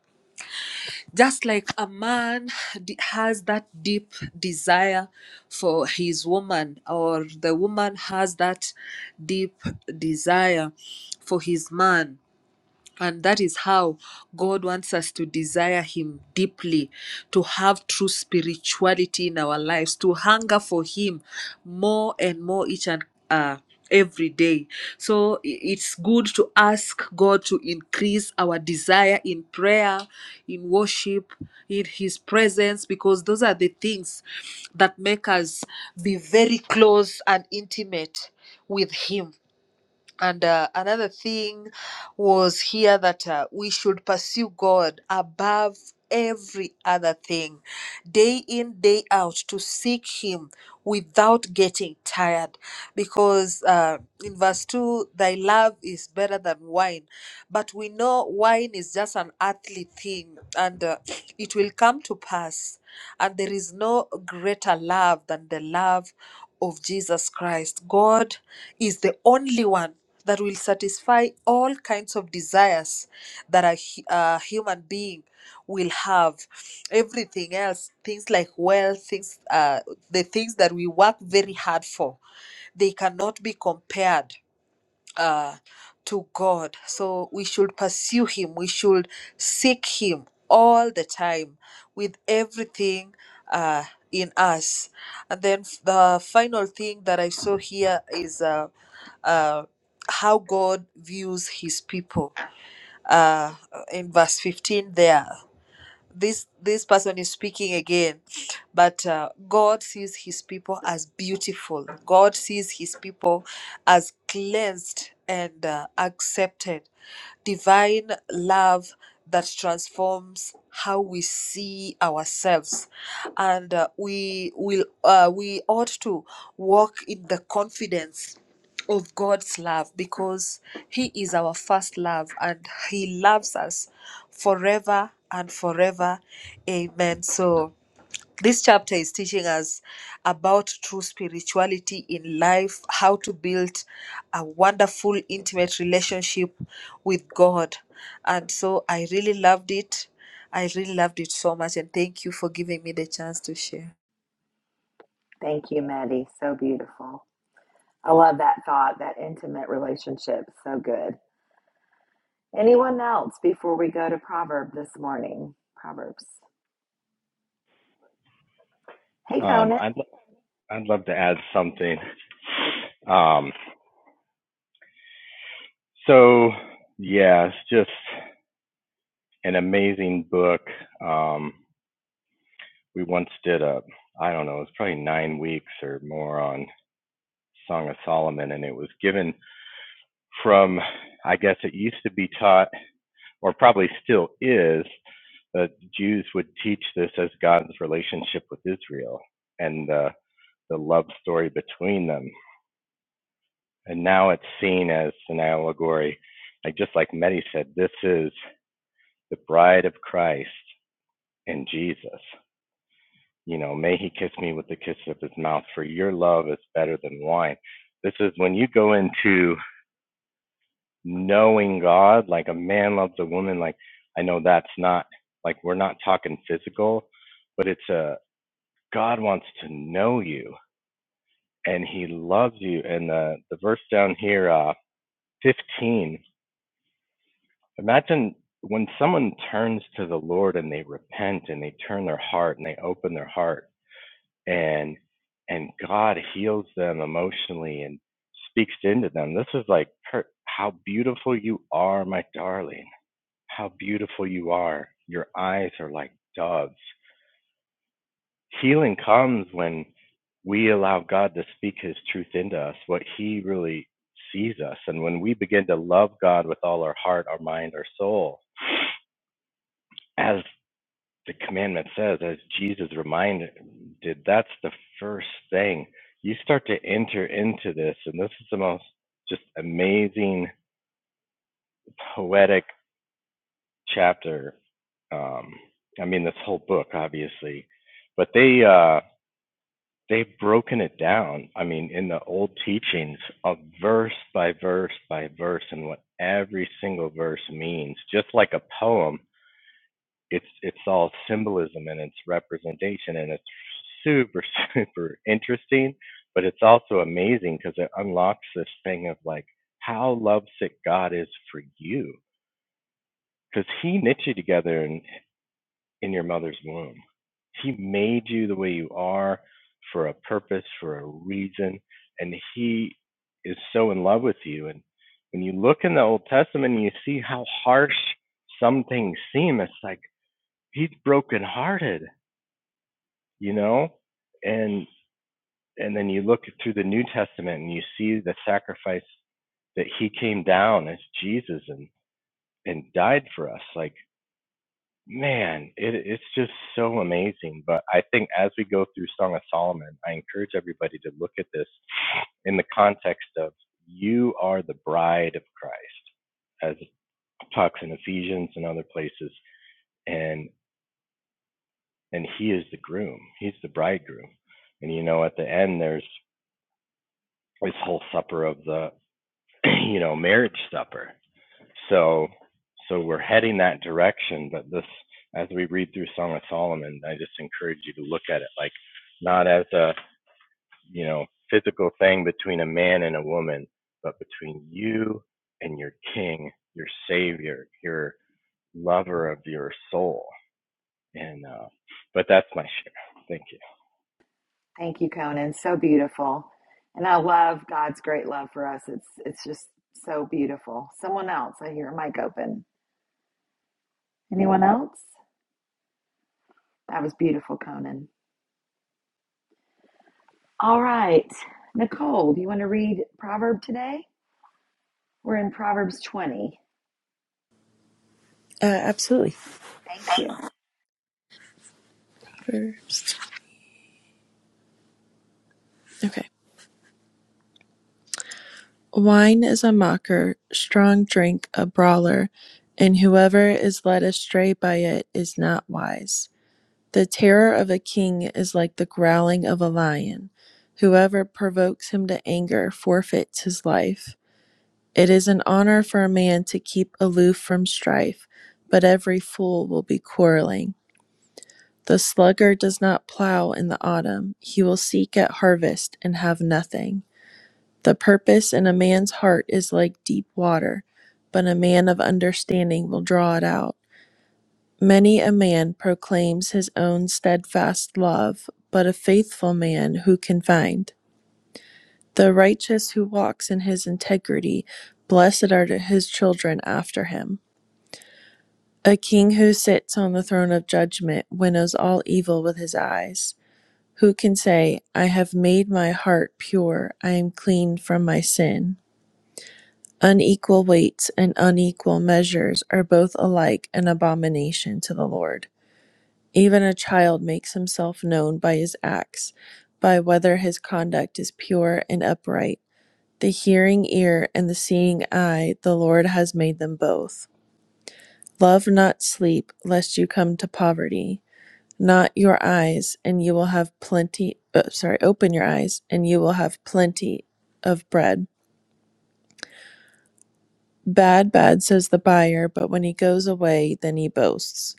S6: Just like a man d- has that deep desire for his woman, or the woman has that deep desire for his man and that is how God wants us to desire Him deeply, to have true spirituality in our lives, to hunger for Him more and more each and uh, every day. So i- it's good to ask God to increase our desire in prayer, in worship, in His presence, because those are the things that make us be very close and intimate with Him and uh, another thing was here that uh, we should pursue God above every other thing, day in, day out, to seek Him without getting tired. Because uh, in verse 2, thy love is better than wine. But we know wine is just an earthly thing and uh, it will come to pass. And there is no greater love than the love of Jesus Christ. God is the only one that will satisfy all kinds of desires that a, hu- a human being will have. Everything else, things like wealth, things, uh, the things that we work very hard for, they cannot be compared uh, to God. So we should pursue Him. We should seek Him all the time with everything uh, in us. And then f- the final thing that I saw here is uh, uh, how God views His people. Uh, in verse 15, there this this person is speaking again but uh, god sees his people as beautiful god sees his people as cleansed and uh, accepted divine love that transforms how we see ourselves and uh, we will uh, we ought to walk in the confidence of God's love because He is our first love and He loves us forever and forever. Amen. So, this chapter is teaching us about true spirituality in life, how to build a wonderful, intimate relationship with God. And so, I really loved it. I really loved it so much. And thank you for giving me the chance to share.
S1: Thank you, Maddie. So beautiful. I love that thought, that intimate relationship. So good. Anyone else before we go to Proverb this morning? Proverbs. Hey,
S8: Um,
S1: Conan.
S8: I'd I'd love to add something. Um, so yeah, it's just an amazing book. Um, we once did a I don't know, it was probably nine weeks or more on Song of Solomon, and it was given from I guess it used to be taught, or probably still is, that Jews would teach this as God's relationship with Israel and the the love story between them and now it's seen as an allegory. Like just like Mehdi said, this is the bride of Christ in Jesus. You know, may he kiss me with the kiss of his mouth, for your love is better than wine. This is when you go into knowing God, like a man loves a woman, like I know that's not like we're not talking physical, but it's a God wants to know you and he loves you. And the, the verse down here, uh, 15 Imagine when someone turns to the Lord and they repent and they turn their heart and they open their heart and and God heals them emotionally and speaks into them. This is like per- how beautiful you are, my darling. How beautiful you are. Your eyes are like doves. Healing comes when we allow God to speak his truth into us, what he really sees us. And when we begin to love God with all our heart, our mind, our soul, as the commandment says, as Jesus reminded, that's the first thing. You start to enter into this, and this is the most just amazing, poetic chapter. Um, I mean, this whole book, obviously, but they uh, they've broken it down. I mean, in the old teachings, of verse by verse by verse, and what every single verse means, just like a poem it's it's all symbolism and it's representation and it's super *laughs* super interesting but it's also amazing because it unlocks this thing of like how lovesick god is for you because he knit you together in in your mother's womb he made you the way you are for a purpose for a reason and he is so in love with you and when you look in the old testament and you see how harsh some things seem it's like he's brokenhearted you know and and then you look through the new testament and you see the sacrifice that he came down as jesus and and died for us like man it, it's just so amazing but i think as we go through song of solomon i encourage everybody to look at this in the context of you are the bride of christ as it talks in ephesians and other places and and he is the groom he's the bridegroom and you know at the end there's this whole supper of the *clears throat* you know marriage supper so so we're heading that direction but this as we read through song of solomon i just encourage you to look at it like not as a you know physical thing between a man and a woman but between you and your king your savior your lover of your soul and uh but that's my share thank you
S1: Thank you, Conan. So beautiful. And I love God's great love for us. It's it's just so beautiful. Someone else. I hear a mic open. Anyone else? That was beautiful, Conan. All right. Nicole, do you want to read Proverb today? We're in Proverbs 20.
S9: Uh, absolutely.
S1: Thank you.
S9: Okay. Wine is a mocker, strong drink a brawler, and whoever is led astray by it is not wise. The terror of a king is like the growling of a lion. Whoever provokes him to anger forfeits his life. It is an honor for a man to keep aloof from strife, but every fool will be quarreling. The sluggard does not plow in the autumn, he will seek at harvest and have nothing. The purpose in a man's heart is like deep water, but a man of understanding will draw it out. Many a man proclaims his own steadfast love, but a faithful man who can find? The righteous who walks in his integrity, blessed are his children after him. A king who sits on the throne of judgment winnows all evil with his eyes. Who can say, I have made my heart pure, I am clean from my sin? Unequal weights and unequal measures are both alike an abomination to the Lord. Even a child makes himself known by his acts, by whether his conduct is pure and upright. The hearing ear and the seeing eye, the Lord has made them both. Love not sleep, lest you come to poverty. Not your eyes, and you will have plenty. Uh, sorry, open your eyes, and you will have plenty of bread Bad, bad, says the buyer, but when he goes away, then he boasts.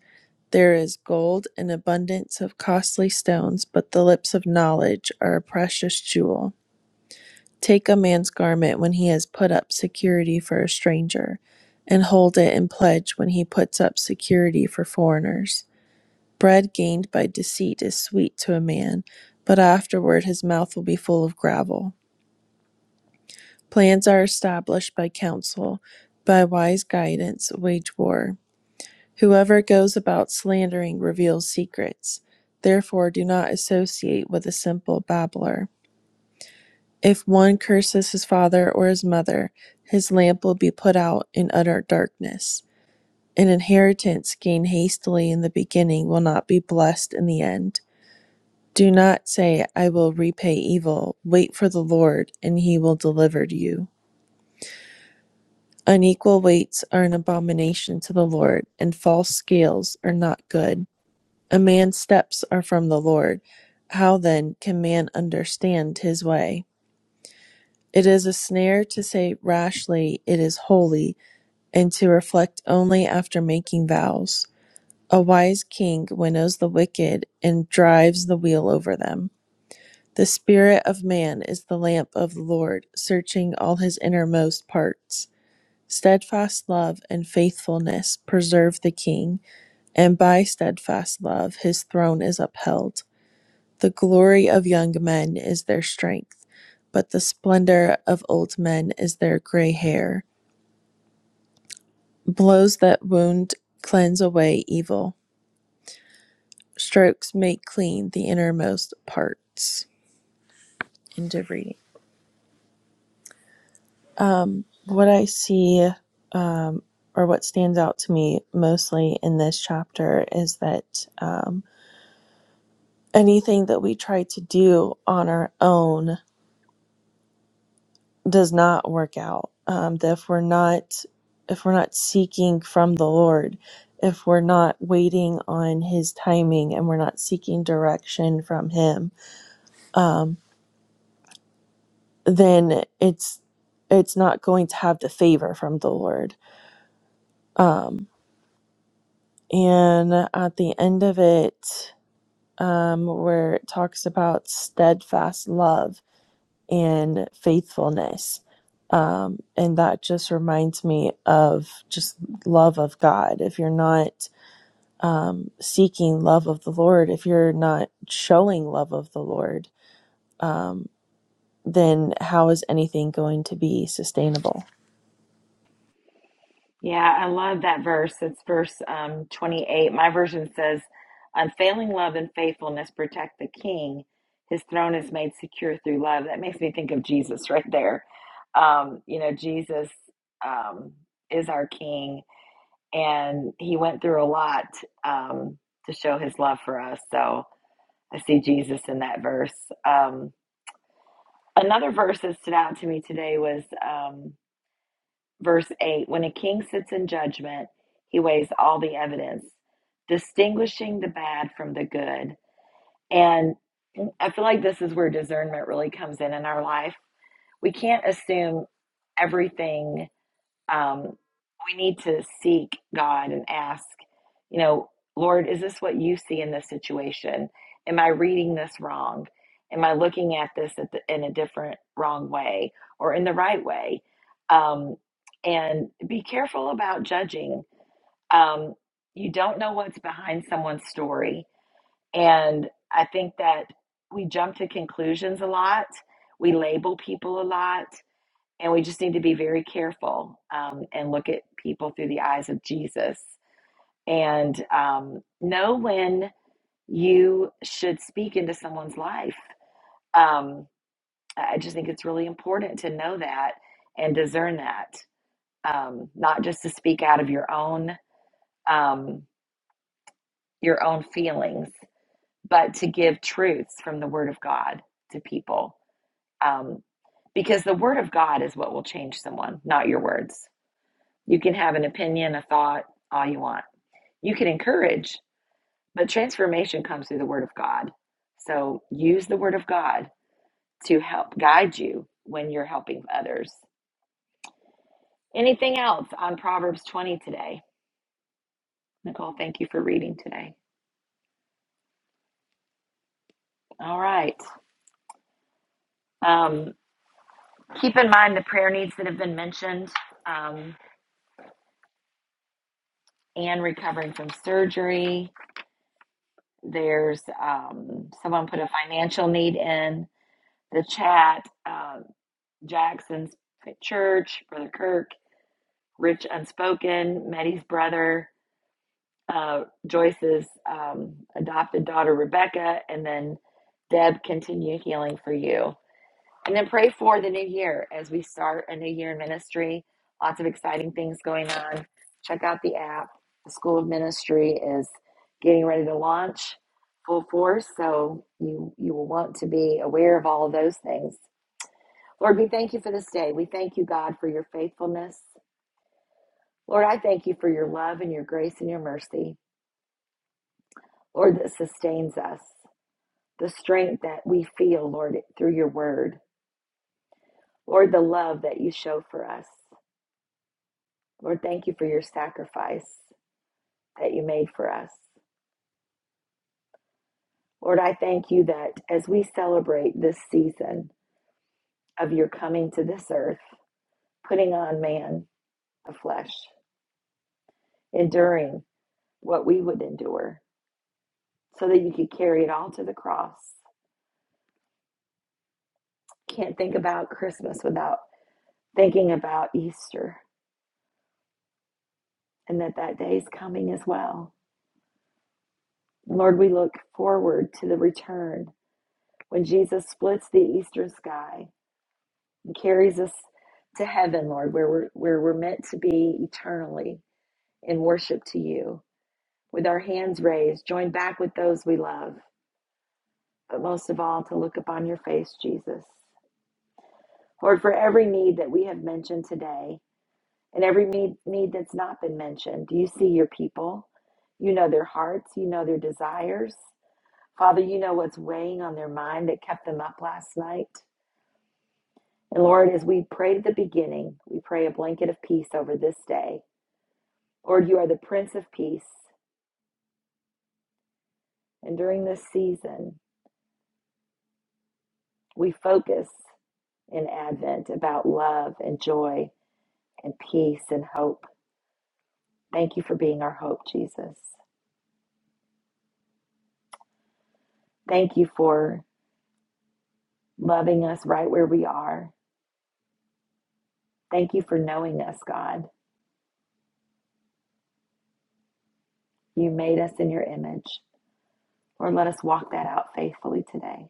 S9: There is gold and abundance of costly stones, but the lips of knowledge are a precious jewel. Take a man's garment when he has put up security for a stranger, and hold it in pledge when he puts up security for foreigners. Bread gained by deceit is sweet to a man, but afterward his mouth will be full of gravel. Plans are established by counsel, by wise guidance, wage war. Whoever goes about slandering reveals secrets. Therefore, do not associate with a simple babbler. If one curses his father or his mother, his lamp will be put out in utter darkness. An inheritance gained hastily in the beginning will not be blessed in the end. Do not say, I will repay evil. Wait for the Lord, and he will deliver you. Unequal weights are an abomination to the Lord, and false scales are not good. A man's steps are from the Lord. How then can man understand his way? It is a snare to say rashly, It is holy, and to reflect only after making vows. A wise king winnows the wicked and drives the wheel over them. The spirit of man is the lamp of the Lord, searching all his innermost parts. Steadfast love and faithfulness preserve the king, and by steadfast love his throne is upheld. The glory of young men is their strength, but the splendor of old men is their gray hair. Blows that wound cleanse away evil. Strokes make clean the innermost parts. End of reading. What I see, or what stands out to me mostly in this chapter, is that um, anything that we try to do on our own does not work out um, that if we're not if we're not seeking from the lord if we're not waiting on his timing and we're not seeking direction from him um, then it's it's not going to have the favor from the lord um, and at the end of it um, where it talks about steadfast love and faithfulness Um, and that just reminds me of just love of God. If you're not seeking love of the Lord, if you're not showing love of the Lord, then how is anything going to be sustainable?
S1: Yeah, I love that verse. It's verse um, 28. My version says, Unfailing love and faithfulness protect the king. His throne is made secure through love. That makes me think of Jesus right there. Um, you know, Jesus um, is our king, and he went through a lot um, to show his love for us. So, I see Jesus in that verse. Um, another verse that stood out to me today was um, verse 8 When a king sits in judgment, he weighs all the evidence, distinguishing the bad from the good. And I feel like this is where discernment really comes in in our life. We can't assume everything um, we need to seek God and ask, you know, Lord, is this what you see in this situation? Am I reading this wrong? Am I looking at this at the, in a different wrong way or in the right way? Um, and be careful about judging. Um, you don't know what's behind someone's story. And I think that we jump to conclusions a lot, we label people a lot. And we just need to be very careful um, and look at people through the eyes of Jesus and um, know when you should speak into someone's life. Um, I just think it's really important to know that and discern that, um, not just to speak out of your own um, your own feelings, but to give truths from the Word of God to people. Um, because the Word of God is what will change someone, not your words You can have an opinion, a thought, all you want. You can encourage, but transformation comes through the Word of God. So use the Word of God to help guide you when you're helping others. Anything else on Proverbs 20 today? Nicole, thank you for reading today. All right. Um, keep in mind the prayer needs that have been mentioned um, and recovering from surgery. There's um, someone put a financial need in the chat. Um, Jackson's church, Brother Kirk, Rich Unspoken, Meddy's brother, uh, Joyce's um, adopted daughter, Rebecca, and then Deb, continue healing for you. And then pray for the new year as we start a new year in ministry. Lots of exciting things going on. Check out the app. The School of Ministry is getting ready to launch full force, so you you will want to be aware of all of those things Lord, we thank you for this day. We thank you, God, for your faithfulness. Lord, I thank you for your love and your grace and your mercy, Lord, that sustains us, the strength that we feel, Lord, through your word, Lord, the love that you show for us. Lord, thank you for your sacrifice that you made for us. Lord, I thank you that as we celebrate this season of your coming to this earth, putting on man of flesh, enduring what we would endure, so that you could carry it all to the cross Can't think about Christmas without thinking about Easter and that that day is coming as well. Lord, we look forward to the return when Jesus splits the eastern sky and carries us to heaven, Lord, where we're, where we're meant to be eternally in worship to you, with our hands raised, joined back with those we love, but most of all, to look upon your face, Jesus. Lord, for every need that we have mentioned today, and every need, need that's not been mentioned. You see your people, you know their hearts, you know their desires. Father, you know what's weighing on their mind that kept them up last night. And Lord, as we prayed at the beginning, we pray a blanket of peace over this day. Lord, you are the Prince of Peace. And during this season, we focus in Advent about love and joy and peace and hope. Thank you for being our hope, Jesus. Thank you for loving us right where we are Thank you for knowing us, God. You made us in your image. Lord, let us walk that out faithfully today.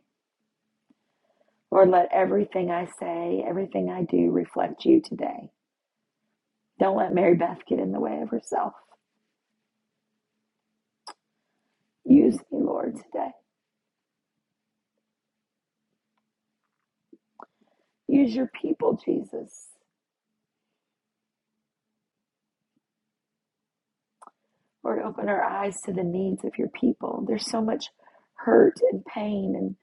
S1: Lord, let everything I say, everything I do reflect you today. Don't let Mary Beth get in the way of herself. Use me, Lord, today. Use your people, Jesus. Lord, open our eyes to the needs of your people. There's so much hurt and pain and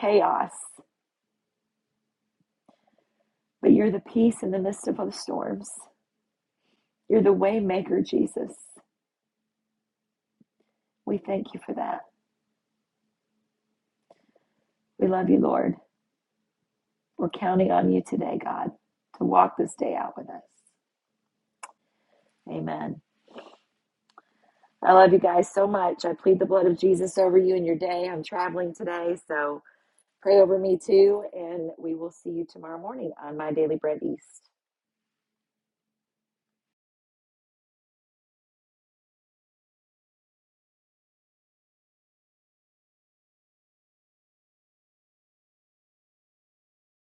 S1: chaos, but you're the peace in the midst of the storms. You're the way maker, Jesus. We thank you for that. We love you, Lord. We're counting on you today, God, to walk this day out with us. Amen. I love you guys so much. I plead the blood of Jesus over you and your day. I'm traveling today, so pray over me too. And we will see you tomorrow morning on My Daily Bread East.